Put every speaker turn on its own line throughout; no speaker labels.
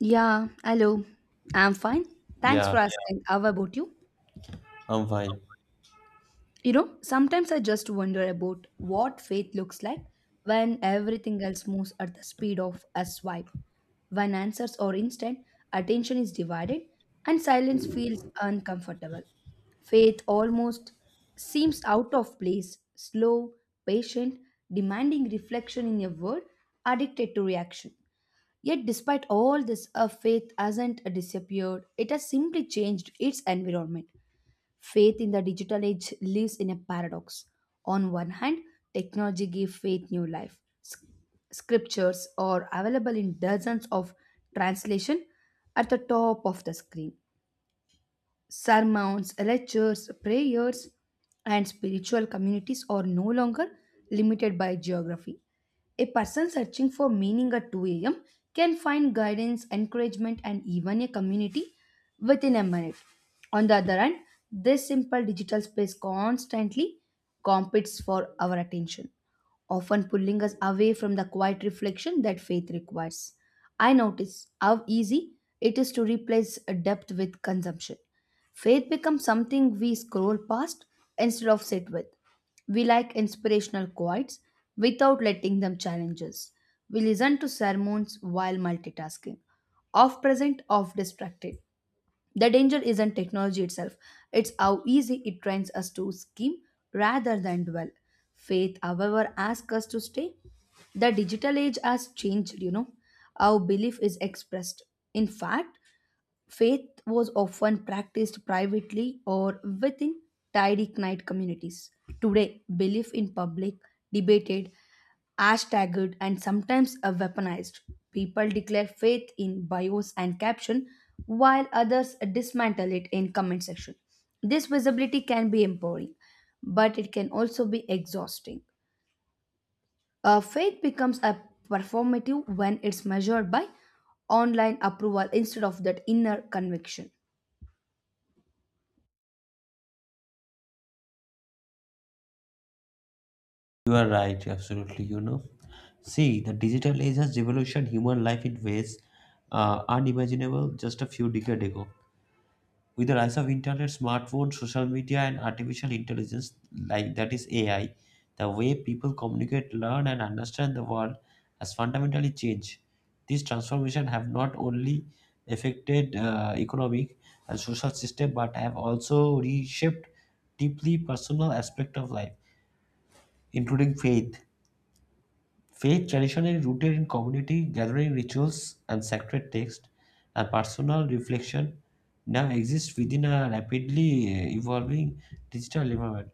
Yeah, hello. I'm fine. Thanks for
Yeah,
Asking. How about you?
I'm fine.
You know, sometimes I just wonder about what faith looks like when everything else moves at the speed of a swipe. When answers are instant, attention is divided, and silence feels uncomfortable. Faith almost seems out of place, slow, patient, demanding reflection in a world addicted to reaction. Yet, despite all this, a faith hasn't disappeared. It has simply changed its environment. Faith in the digital age lives in a paradox. On one hand, technology gives faith new life. Scriptures are available in dozens of translation at the top of the screen sermons, lectures, prayers, and spiritual communities are no longer limited by geography. A person searching for meaning at 2 a.m. can find guidance, encouragement, and even a community within a minute. On the other hand, this simple digital space constantly competes for our attention, often pulling us away from the quiet reflection that faith requires. I notice how easy it is to replace depth with consumption. Faith becomes something we scroll past instead of sit with. We like inspirational quotes without letting them challenge us. We listen to sermons while multitasking, off present, off distracted. The danger isn't technology itself, it's how easy it trains us to skim rather than dwell. Faith, however, asks us to stay. The digital age has changed, you know. Our belief is expressed. In fact, faith was often practiced privately or within tidy Knight communities. Today, belief in public, debated, hashtagged, and sometimes weaponized. People declare faith in bios and caption, while others dismantle it in comment section. This visibility can be empowering, but it can also be exhausting. Faith becomes a performative when it's measured by online approval instead of that inner conviction.
You are right, absolutely. You know, see, the digital age has revolutionized human life in ways unimaginable just a few decades ago. With the rise of internet, smartphones, social media, and artificial intelligence, like that is AI, the way people communicate, learn, and understand the world has fundamentally changed. These transformations have not only affected economic and social system, but have also reshaped deeply personal aspect of life, including faith. Faith traditionally rooted in community gathering rituals and sacred texts and personal reflection now exists within a rapidly evolving digital environment.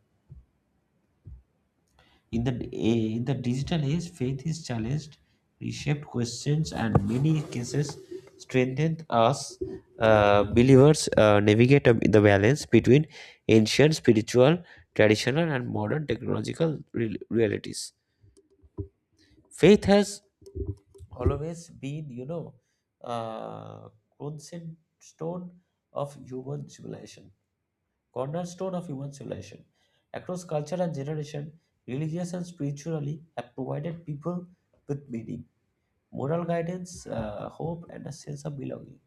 In the digital age, faith is challenged, reshaped questions, and many cases strengthened as believers navigate the balance between ancient spiritual, traditional, and modern technological realities. Faith has always been, you know, uh, cornerstone of human civilization. Cornerstone of human civilization. Across culture and generation, religious and spiritually have provided people with meaning, moral guidance, hope, and a sense of belonging.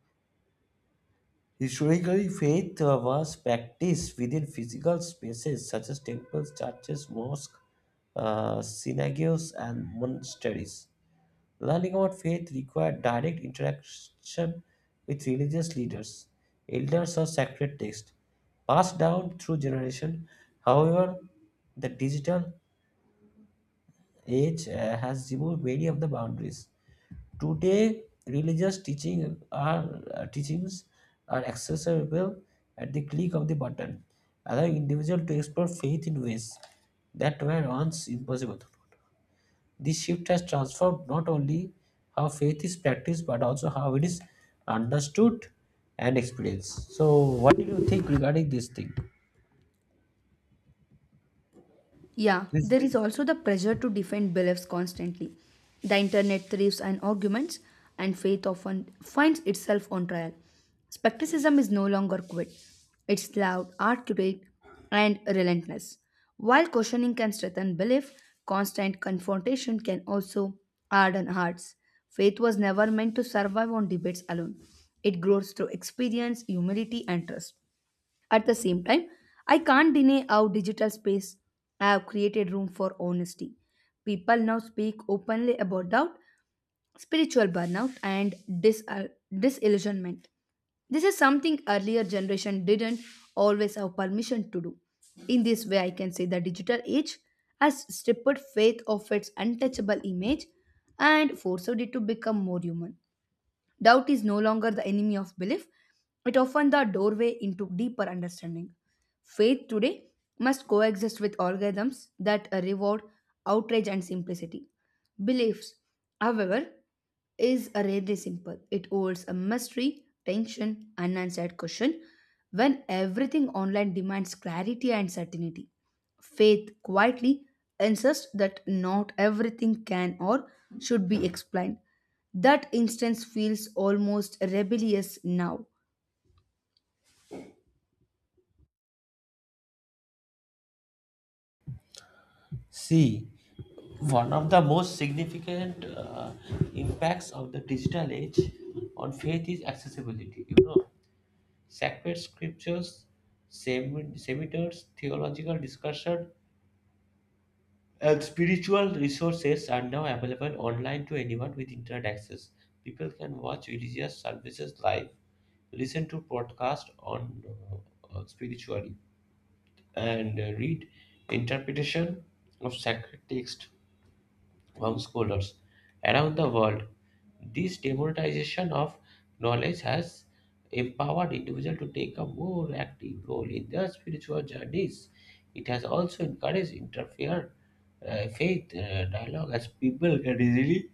Historically, faith was practiced within physical spaces such as temples, churches, mosques, synagogues, and monasteries. Learning about faith required direct interaction with religious leaders, elders, or sacred texts passed down through generation. However, the digital age has removed many of the boundaries. Today, teachings are accessible at the click of the button, allowing individuals to explore faith in ways that were once impossible. This shift has transformed not only how faith is practiced but also how it is understood and experienced. So, what do you think regarding this thing?
Yeah,
Please
there is also the pressure to defend beliefs constantly. The internet thrives on arguments, and faith often finds itself on trial. Skepticism is no longer quiet, it's loud, articulate, and relentless. While questioning can strengthen belief, constant confrontation can also harden hearts. Faith was never meant to survive on debates alone, it grows through experience, humility, and trust. At the same time, I can't deny how digital space have created room for honesty. People now speak openly about doubt, spiritual burnout, and disillusionment. This is something earlier generation didn't always have permission to do. In this way, I can say the digital age has stripped faith of its untouchable image and forced it to become more human. Doubt is no longer the enemy of belief, it often the doorway into deeper understanding. Faith today must coexist with algorithms that reward outrage and simplicity. Beliefs, however, is rarely simple. It holds a mystery, tension, unanswered question when everything online demands clarity and certainty. Faith quietly insists that not everything can or should be explained. That instance feels almost rebellious now.
see, one of the most significant impacts of the digital age on faith is accessibility. You know, sacred scriptures, seminars, theological discussion, and spiritual resources are now available online to anyone with internet access. People can watch religious services live, listen to podcasts on spirituality, and read interpretation of sacred text homeschoolers around the world. This democratization of knowledge has empowered individuals to take a more active role in their spiritual journeys. It has also encouraged interfaith faith dialogue as people can easily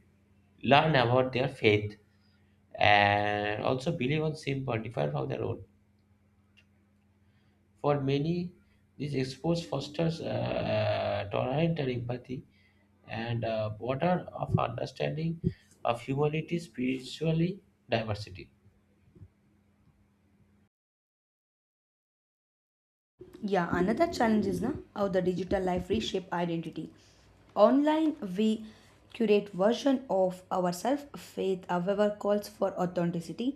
learn about their faith and also believe on simple, different from their own. For many, this expose fosters tolerance and empathy, and border of understanding of humanity, spiritually diversity.
Yeah, another challenge is na how the digital life reshape identity. Online, we curate version of ourselves. Faith, however, calls for authenticity,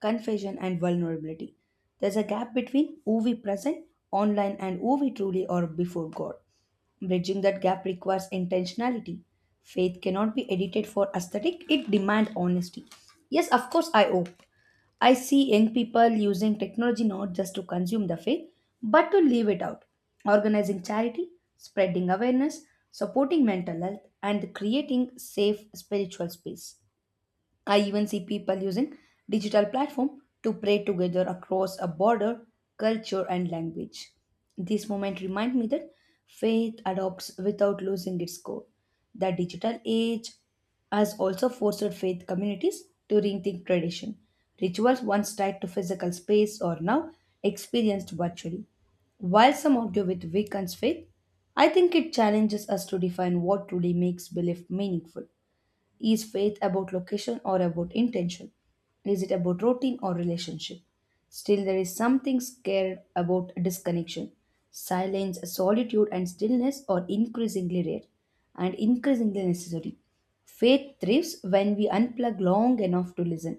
confession, and vulnerability. There's a gap between who we present online and who we truly are before God. Bridging that gap requires intentionality. Faith cannot be edited for aesthetic, it demands honesty. Yes, of course, I hope. I see young people using technology not just to consume the faith, but to live it out, organizing charity, spreading awareness, supporting mental health, and creating safe spiritual space. I even see people using digital platform to pray together across a border, culture and language. This moment remind me that faith adopts without losing its core. The digital age has also forced faith communities to rethink tradition. Rituals once tied to physical space are now experienced virtually. While some argue with Wiccans faith, I think it challenges us to define what truly makes belief meaningful. Is faith about location or about intention? Is it about routine or relationship? Still, there is something scared about disconnection. Silence, solitude, and stillness are increasingly rare and increasingly necessary. Faith thrives when we unplug long enough to listen.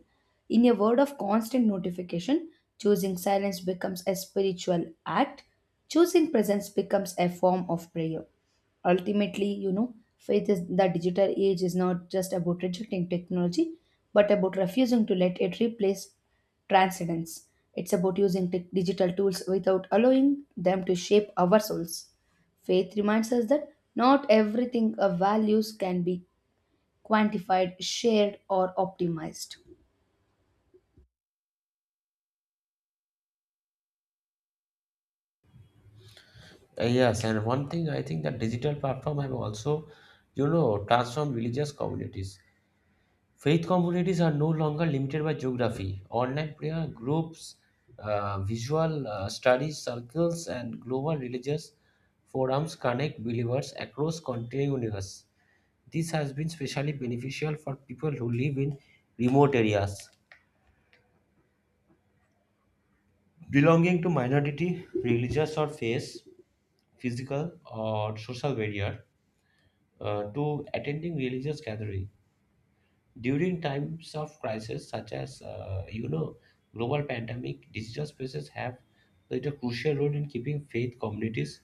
In a world of constant notification, choosing silence becomes a spiritual act, choosing presence becomes a form of prayer. Ultimately, you know, faith is the digital age is not just about rejecting technology, but about refusing to let it replace transcendence. It's about using tech digital tools without allowing them to shape our souls. Faith reminds us that not everything of values can be quantified, shared, or optimized.
Yes, and one thing I think that digital platform have also, you know, transformed religious communities. Faith communities are no longer limited by geography. Online prayer groups, visual study circles, and global religious forums connect believers across country and universe. This has been especially beneficial for people who live in remote areas. Belonging to minority religious or faith, physical or social barrier to attending religious gathering during times of crisis such as, you know, global pandemic, digital spaces have played a crucial role in keeping faith communities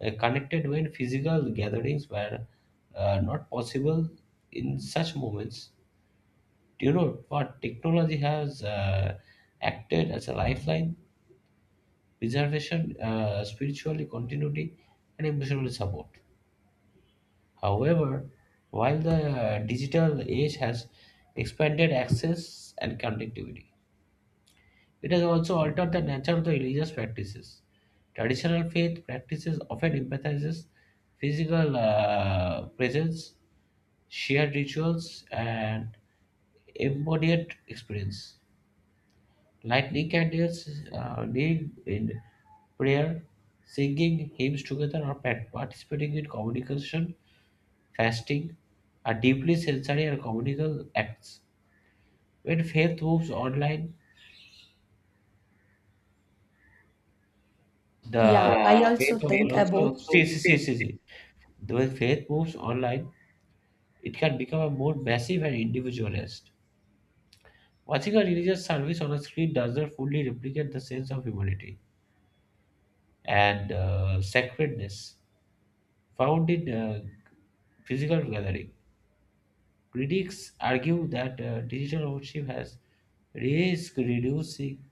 connected when physical gatherings were not possible in such moments. Do you know what technology has acted as a lifeline, preservation, spiritually continuity, and emotional support? However, while the digital age has expanded access and connectivity, it has also altered the nature of the religious practices. Traditional faith practices often emphasizes physical presence, shared rituals, and embodied experience. Lightning candles, deed in prayer, singing hymns together, or participating in communication, fasting are deeply sensory and communal acts. When faith moves online,
Yeah,
the
I also
faith of
think
also
about
see, see, see, see, see. When faith moves online, it can become a more massive and individualist. Watching a religious service on a screen does not fully replicate the sense of humanity and sacredness founded physical gathering. Critics argue that digital ownership has risk reducing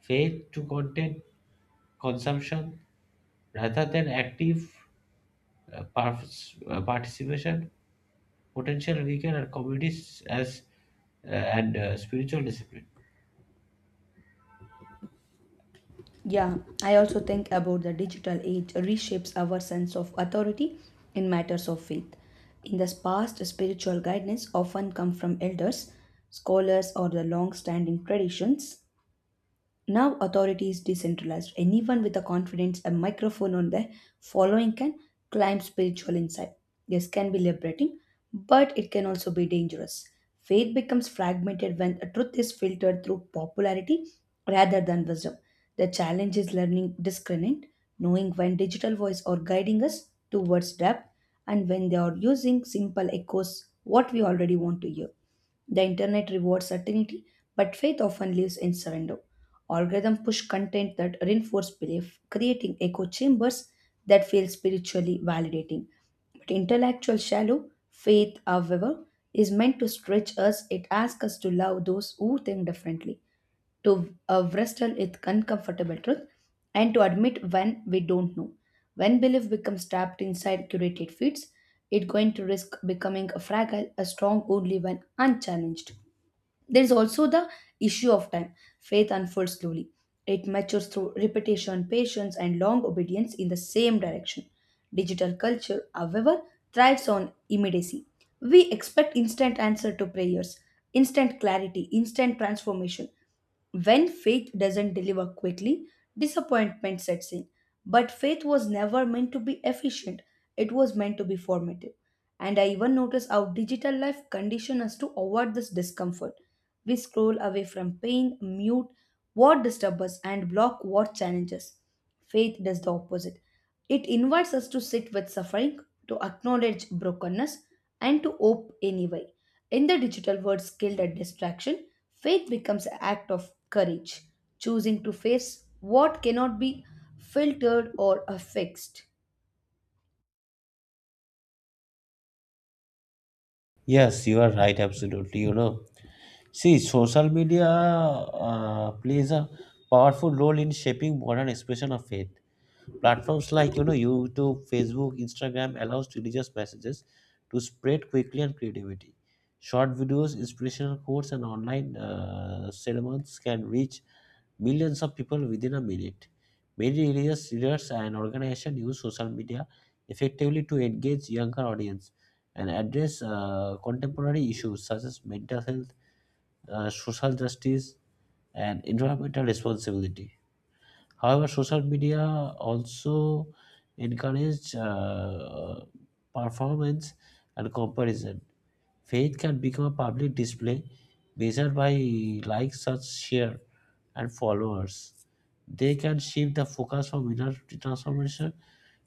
faith to content consumption rather than active participation, potential weaken our communities as and spiritual discipline.
Yeah, I also think about the digital age reshapes our sense of authority in matters of faith. In the past, spiritual guidance often come from elders, scholars, or the long-standing traditions. Now authority is decentralized. Anyone with a confidence, a microphone on their following can climb spiritual insight. This can be liberating, but it can also be dangerous. Faith becomes fragmented when a truth is filtered through popularity rather than wisdom. The challenge is learning discernment, knowing when digital voice are guiding us towards depth and when they are using simple echoes what we already want to hear. The internet rewards certainty, but faith often lives in surrender. Algorithm push content that reinforce belief, creating echo chambers that feel spiritually validating. But intellectual shallow faith, however, is meant to stretch us. It asks us to love those who think differently, to wrestle with uncomfortable truth and to admit when we don't know. When belief becomes trapped inside curated feeds, it's going to risk becoming a fragile, a strong only when unchallenged. There is also the issue of time. Faith unfolds slowly. It matures through repetition, patience, and long obedience in the same direction. Digital culture, however, thrives on immediacy. We expect instant answer to prayers, instant clarity, instant transformation. When faith doesn't deliver quickly, disappointment sets in. But faith was never meant to be efficient, it was meant to be formative. And I even notice how digital life condition us to avoid this discomfort. We scroll away from pain, mute what disturbs us, and block what challenges. Faith does the opposite. It invites us to sit with suffering, to acknowledge brokenness, and to hope anyway. In the digital world skilled at distraction, faith becomes an act of courage, choosing to face what cannot be filtered or fixed.
Yes, you are right, absolutely. You know, see, social media plays a powerful role in shaping modern expression of faith. Platforms like, you know, YouTube, Facebook, Instagram allows religious messages to spread quickly and creativity. Short videos, inspirational quotes, and online sermons can reach millions of people within a minute. Many religious leaders and organizations use social media effectively to engage younger audience and address contemporary issues such as mental health, social justice, and environmental responsibility. However, social media also encourage performance and comparison. Faith can become a public display measured by likes, such share, and followers. They can shift the focus from inner transformation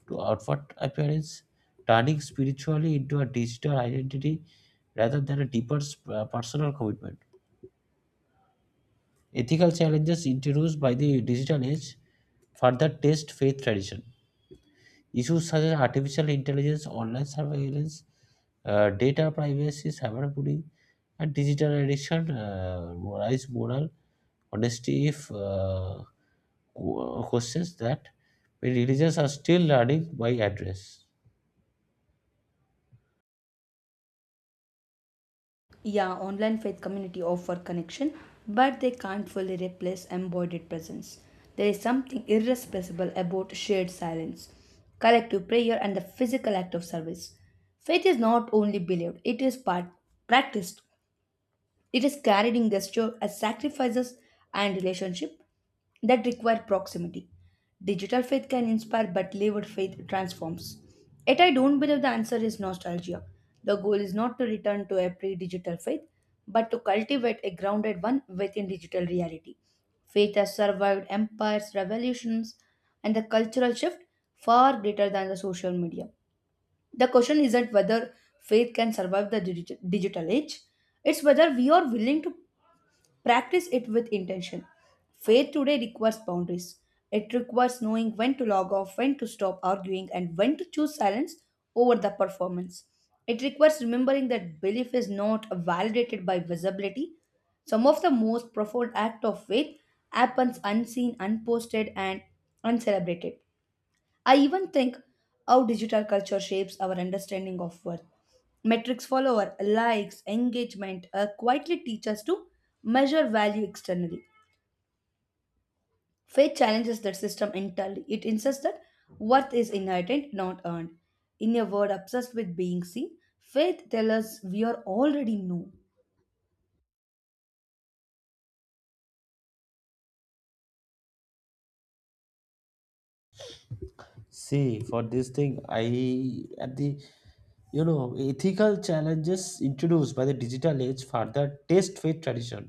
to outward appearance, turning spirituality into a digital identity rather than a deeper personal commitment. Ethical challenges introduced by the digital age further test faith tradition. Issues such as artificial intelligence, online surveillance, data privacy, cyberbullying, and digital addiction rise moral honesty if questions that many religions are still learning by address.
Yeah, online faith community offer connection, but they can't fully replace embodied presence. There is something irrepressible about shared silence, collective prayer, and the physical act of service. Faith is not only believed, it is part practiced, it is carried in gesture as sacrifices and relationship that require proximity. Digital faith can inspire, but lived faith transforms. Yet I don't believe the answer is nostalgia. The goal is not to return to a pre digital faith, but to cultivate a grounded one within digital reality. Faith has survived empires, revolutions, and the cultural shift far greater than the social media. The question isn't whether faith can survive the digital age, it's whether we are willing to practice it with intention. Faith today requires boundaries. It requires knowing when to log off, when to stop arguing, and when to choose silence over the performance. It requires remembering that belief is not validated by visibility. Some of the most profound acts of faith happens unseen, unposted, and uncelebrated. I even think how digital culture shapes our understanding of worth. Metrics follower, likes, engagement quietly teach us to measure value externally. Faith challenges that system entirely. It insists that worth is inherent, not earned. In a world obsessed with being seen, faith tells us we are already known.
See, for this thing, I at the, you know, ethical challenges introduced by the digital age further test faith tradition.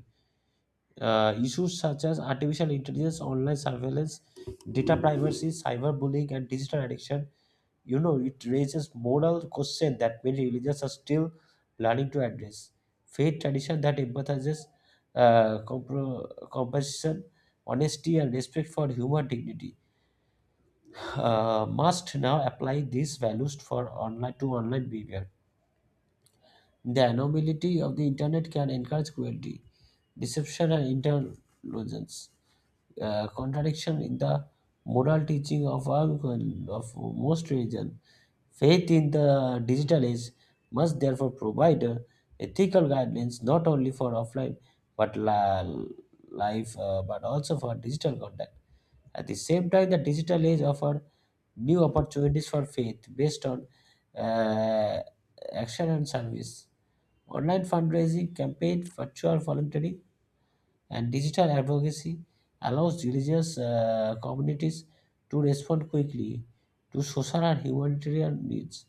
Issues such as artificial intelligence, online surveillance, data privacy, cyberbullying, and digital addiction, you know, it raises moral questions that many religions are still learning to address. Faith tradition that empathizes compassion, honesty, and respect for human dignity must now apply these values for online to online behavior. The anonymity of the internet can encourage cruelty, deception, and intelligence contradiction in the moral teaching of, of most religion. Faith in the digital age must therefore provide ethical guidelines not only for offline but life but also for digital contact. At the same time, the digital age offers new opportunities for faith based on uh, action and service. Online fundraising campaign, virtual volunteering, and digital advocacy allows religious communities to respond quickly to social and humanitarian needs.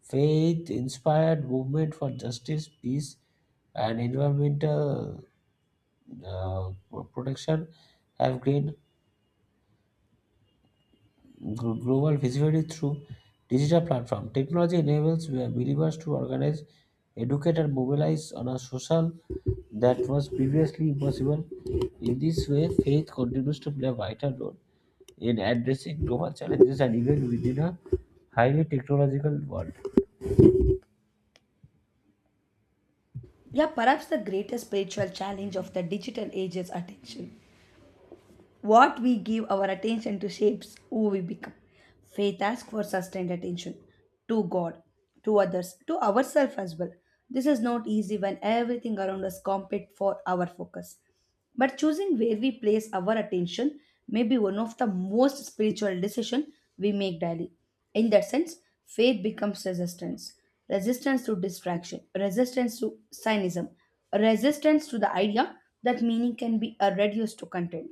Faith inspired movement for justice, peace, and environmental protection have gained global visibility through digital platform. Technology enables believers to organize, educate, and mobilize on a social that was previously impossible. In this way, faith continues to play a vital role in addressing global challenges and even within a highly technological world.
Yeah, perhaps the greatest spiritual challenge of the digital age is attention. What we give our attention to shapes who we become. Faith asks for sustained attention to God, to others, to ourselves as well. This is not easy when everything around us competes for our focus. But choosing where we place our attention may be one of the most spiritual decisions we make daily. In that sense, faith becomes resistance. Resistance to distraction, resistance to cynicism, resistance to the idea that meaning can be reduced to content.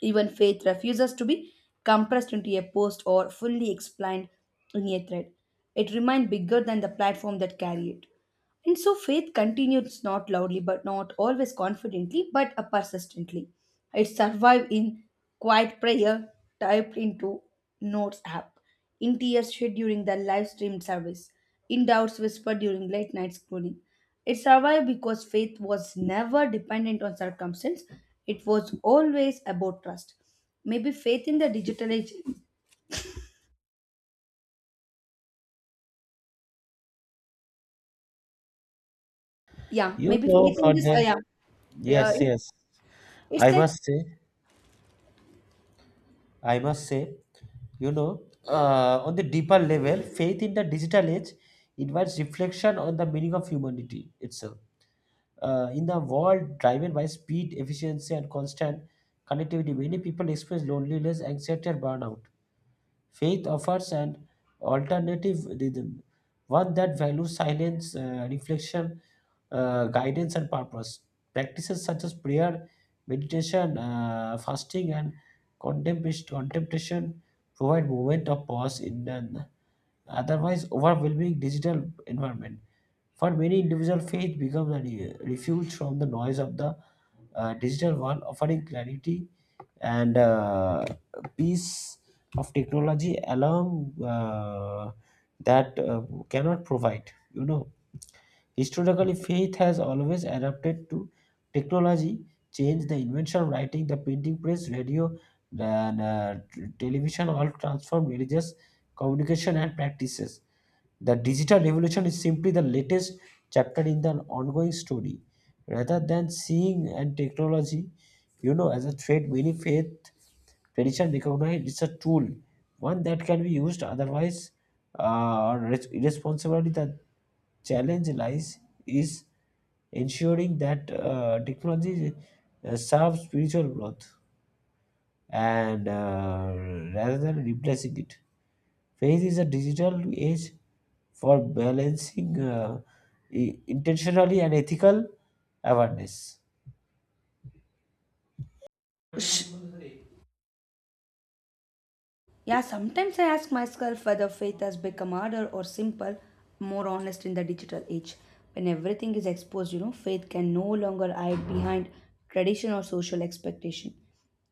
Even faith refuses to be compressed into a post or fully explained in a thread. It remains bigger than the platform that carry it. And so faith continues not loudly, but not always confidently, but persistently. It survives in quiet prayer typed into Notes app in tears shed during the live streamed service, in doubts whispered during late night scrolling. It survived because faith was never dependent on circumstance, it was always about trust. Maybe faith in the digital age, yeah,
You
maybe
know,
faith in
for
this,
the
yeah,
yes,
it-
yes,
it's
I
like
must say. I must say, you know, on the deeper level, faith in the digital age invites reflection on the meaning of humanity itself. In the world driven by speed, efficiency, and constant connectivity, many people experience loneliness, anxiety, and burnout. Faith offers an alternative rhythm, one that values silence, reflection, guidance, and purpose. Practices such as prayer, meditation, fasting, and contemplation provide moment of pause in an otherwise overwhelming digital environment. For many individuals, faith becomes a refuge from the noise of the digital world, offering clarity and piece of technology along, that cannot provide, you know. Historically, faith has always adapted to technology change: the invention of writing, the printing press, radio, and television all transformed religious communication and practices. The digital revolution is simply the latest chapter in the ongoing story. Rather than seeing and technology, you know, as a threat, many faith tradition recognized it's a tool, one that can be used otherwise or irresponsibly. The challenge lies is ensuring that technology serves spiritual growth and rather than replacing it. Faith is a digital age for balancing intentionally and ethical awareness.
sh- Yeah, sometimes I ask myself whether faith has become harder or simple, more honest in the digital age. When everything is exposed, you know, faith can no longer hide behind tradition or social expectation.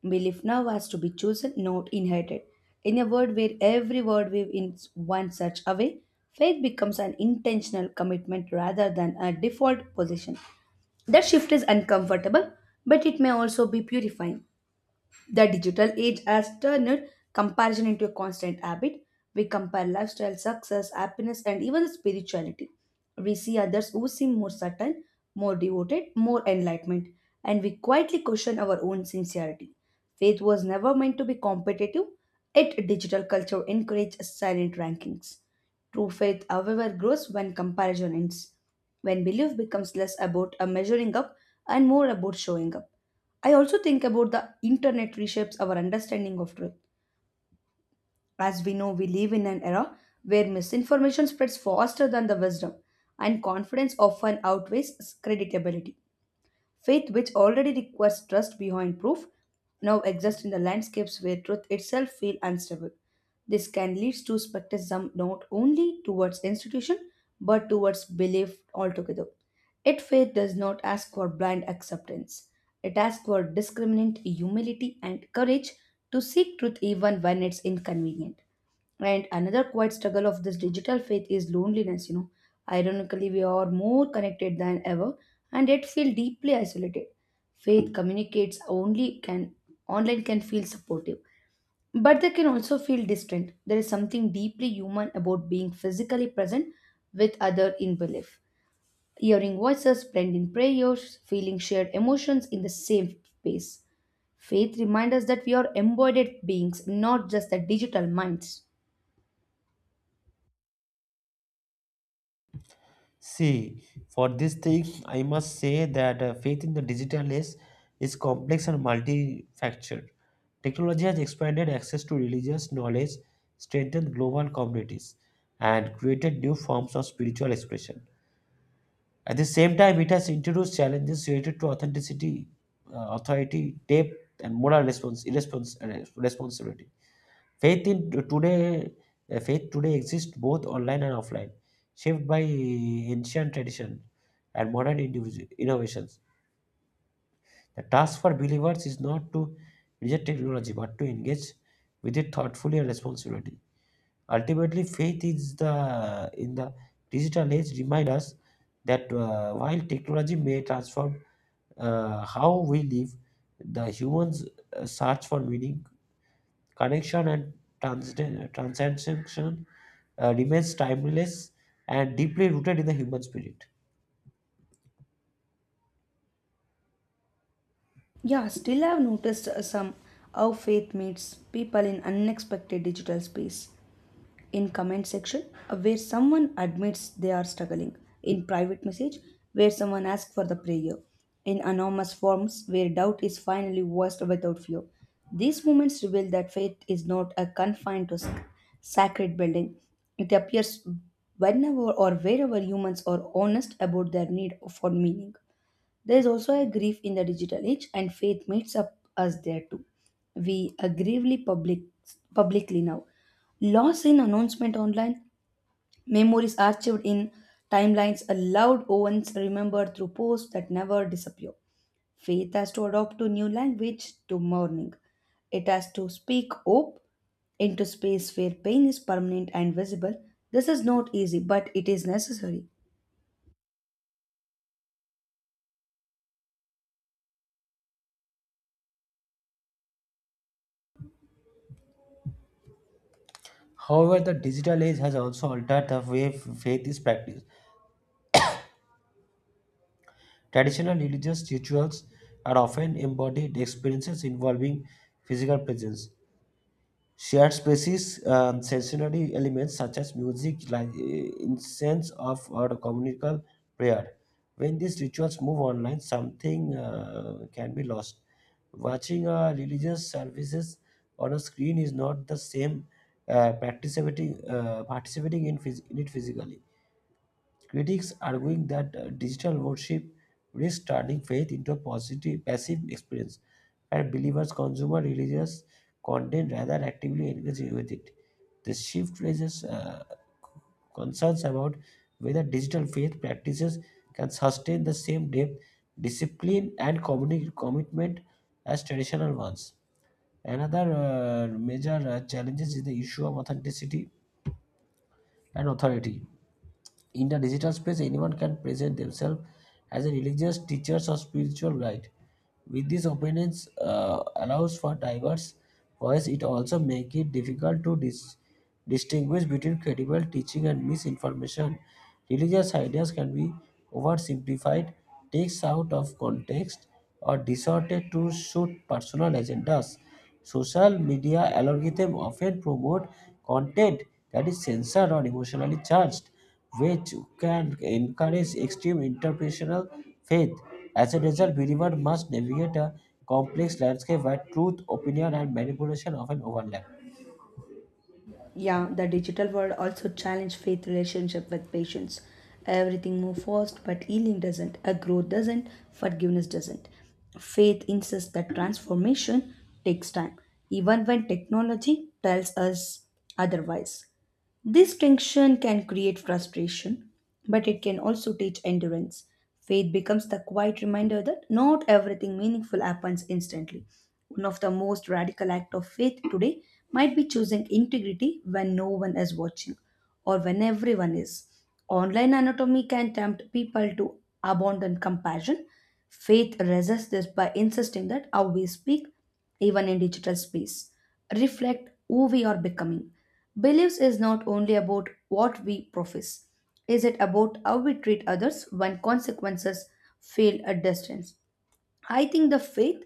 Belief now has to be chosen, not inherited. In a world where every word weave in one such a way, faith becomes an intentional commitment rather than a default position. That shift is uncomfortable, but it may also be purifying. The digital age has turned comparison into a constant habit. We compare lifestyle, success, happiness, and even spirituality. We see others who seem more certain, more devoted, more enlightenment, and we quietly question our own sincerity. Faith was never meant to be competitive, yet, digital culture encourages silent rankings. True faith, however, grows when comparison ends, when belief becomes less about a measuring up and more about showing up. I also think about the internet reshapes our understanding of truth. As we know, we live in an era where misinformation spreads faster than the wisdom, and confidence often outweighs credibility. Faith, which already requires trust behind proof, now exists in the landscapes where truth itself feels unstable. This can lead to skepticism not only towards institution but towards belief altogether. Yet faith does not ask for blind acceptance. It asks for discriminant humility and courage to seek truth even when it's inconvenient. And another quiet struggle of this digital faith is loneliness. Ironically, we are more connected than ever and yet feel deeply isolated. Faith communicates only can online can feel supportive, but they can also feel distant. There is something deeply human about being physically present with other in belief. Hearing voices blend in prayers, feeling shared emotions in the same space. Faith reminds us that we are embodied beings, not just the digital minds.
See, for this thing, I must say that faith in the digital age is complex and multifactured. Technology has expanded access to religious knowledge, strengthened global communities, and created new forms of spiritual expression. At the same time, it has introduced challenges related to authenticity, authority, depth, and moral responsibility. Faith in today, Faith today exists both online and offline, shaped by ancient tradition and modern innovations. The task for believers is not to reject technology, but to engage with it thoughtfully and responsibly. Ultimately, faith is the in the digital age remind us that while technology may transform how we live, the humans search for meaning, connection, and transcension remains timeless and deeply rooted in the human spirit.
Yeah, still I've noticed some how faith meets people in unexpected digital space. In comment section, where someone admits they are struggling. In private message, where someone asks for the prayer. In anonymous forms, where doubt is finally voiced without fear. These moments reveal that faith is not a confined to sacred building. It appears whenever or wherever humans are honest about their need for meaning. There is also a grief in the digital age, and faith meets up us there too. We aggressively publicly now. Loss in announcement online, memories archived in timelines, allowed once remembered through posts that never disappear. Faith has to adopt to new language to mourning. It has to speak hope into space where pain is permanent and visible. This is not easy, but it is necessary.
However, the digital age has also altered the way faith is practiced. Traditional religious rituals are often embodied experiences involving physical presence, shared spaces and sensory elements such as music, like, incense of or communal prayer. When these rituals move online, something can be lost. Watching religious services on a screen is not the same participating in, in it physically. Critics arguing that digital worship risks turning faith into a positive passive experience, where believers consume religious content rather than actively engage with it. The shift raises concerns about whether digital faith practices can sustain the same depth, discipline, and commitment as traditional ones. Another major challenge is the issue of authenticity and authority. In the digital space, anyone can present themselves as a religious teacher or spiritual guide. With this openness allows for diverse voice, it also makes it difficult to distinguish between credible teaching and misinformation. Religious ideas can be oversimplified, takes out of context, or distorted to suit personal agendas. Social media algorithm often promote content that is censored or emotionally charged, which can encourage extreme interpretational faith. As a result, believers must navigate a complex landscape where truth, opinion, and manipulation often overlap.
Yeah, the digital world also challenge faith relationship with patients. Everything move fast, but healing doesn't, a growth doesn't, forgiveness doesn't. Faith insists that transformation takes time, even when technology tells us otherwise. This tension can create frustration, but it can also teach endurance. Faith becomes the quiet reminder that not everything meaningful happens instantly. One of the most radical acts of faith today might be choosing integrity when no one is watching or when everyone is. Online anatomy can tempt people to abandon compassion. Faith resists this by insisting that how we speak, even in digital space, reflect who we are becoming. Beliefs is not only about what we profess, is it about how we treat others when consequences feel at distance? I think the faith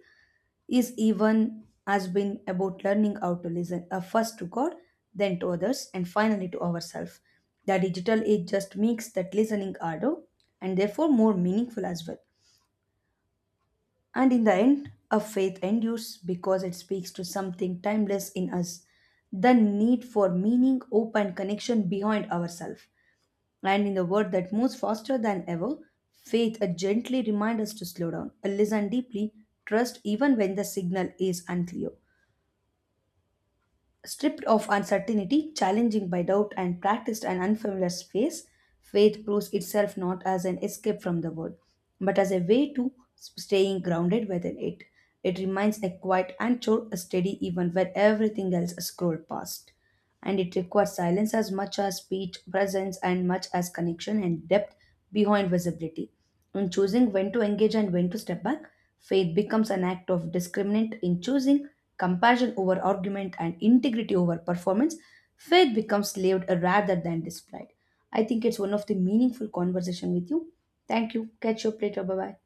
is even has been about learning how to listen first to God, then to others, and finally to ourselves. The digital age just makes that listening harder and therefore more meaningful as well. And in the end, a faith endures because it speaks to something timeless in us the need for meaning, hope, and connection behind ourselves. And in the world that moves faster than ever, faith gently reminds us to slow down, listen deeply, trust even when the signal is unclear. Stripped of uncertainty, challenging by doubt, and practiced an unfamiliar space, faith proves itself not as an escape from the world, but as a way to staying grounded within it. It remains a quiet anchor, a steady even when everything else scrolled past. And it requires silence as much as speech, presence, and much as connection and depth behind visibility. In choosing when to engage and when to step back, faith becomes an act of discriminant in choosing compassion over argument and integrity over performance. Faith becomes lived rather than displayed. I think it's one of the meaningful conversation with you. Thank you. Catch you up later. Bye bye.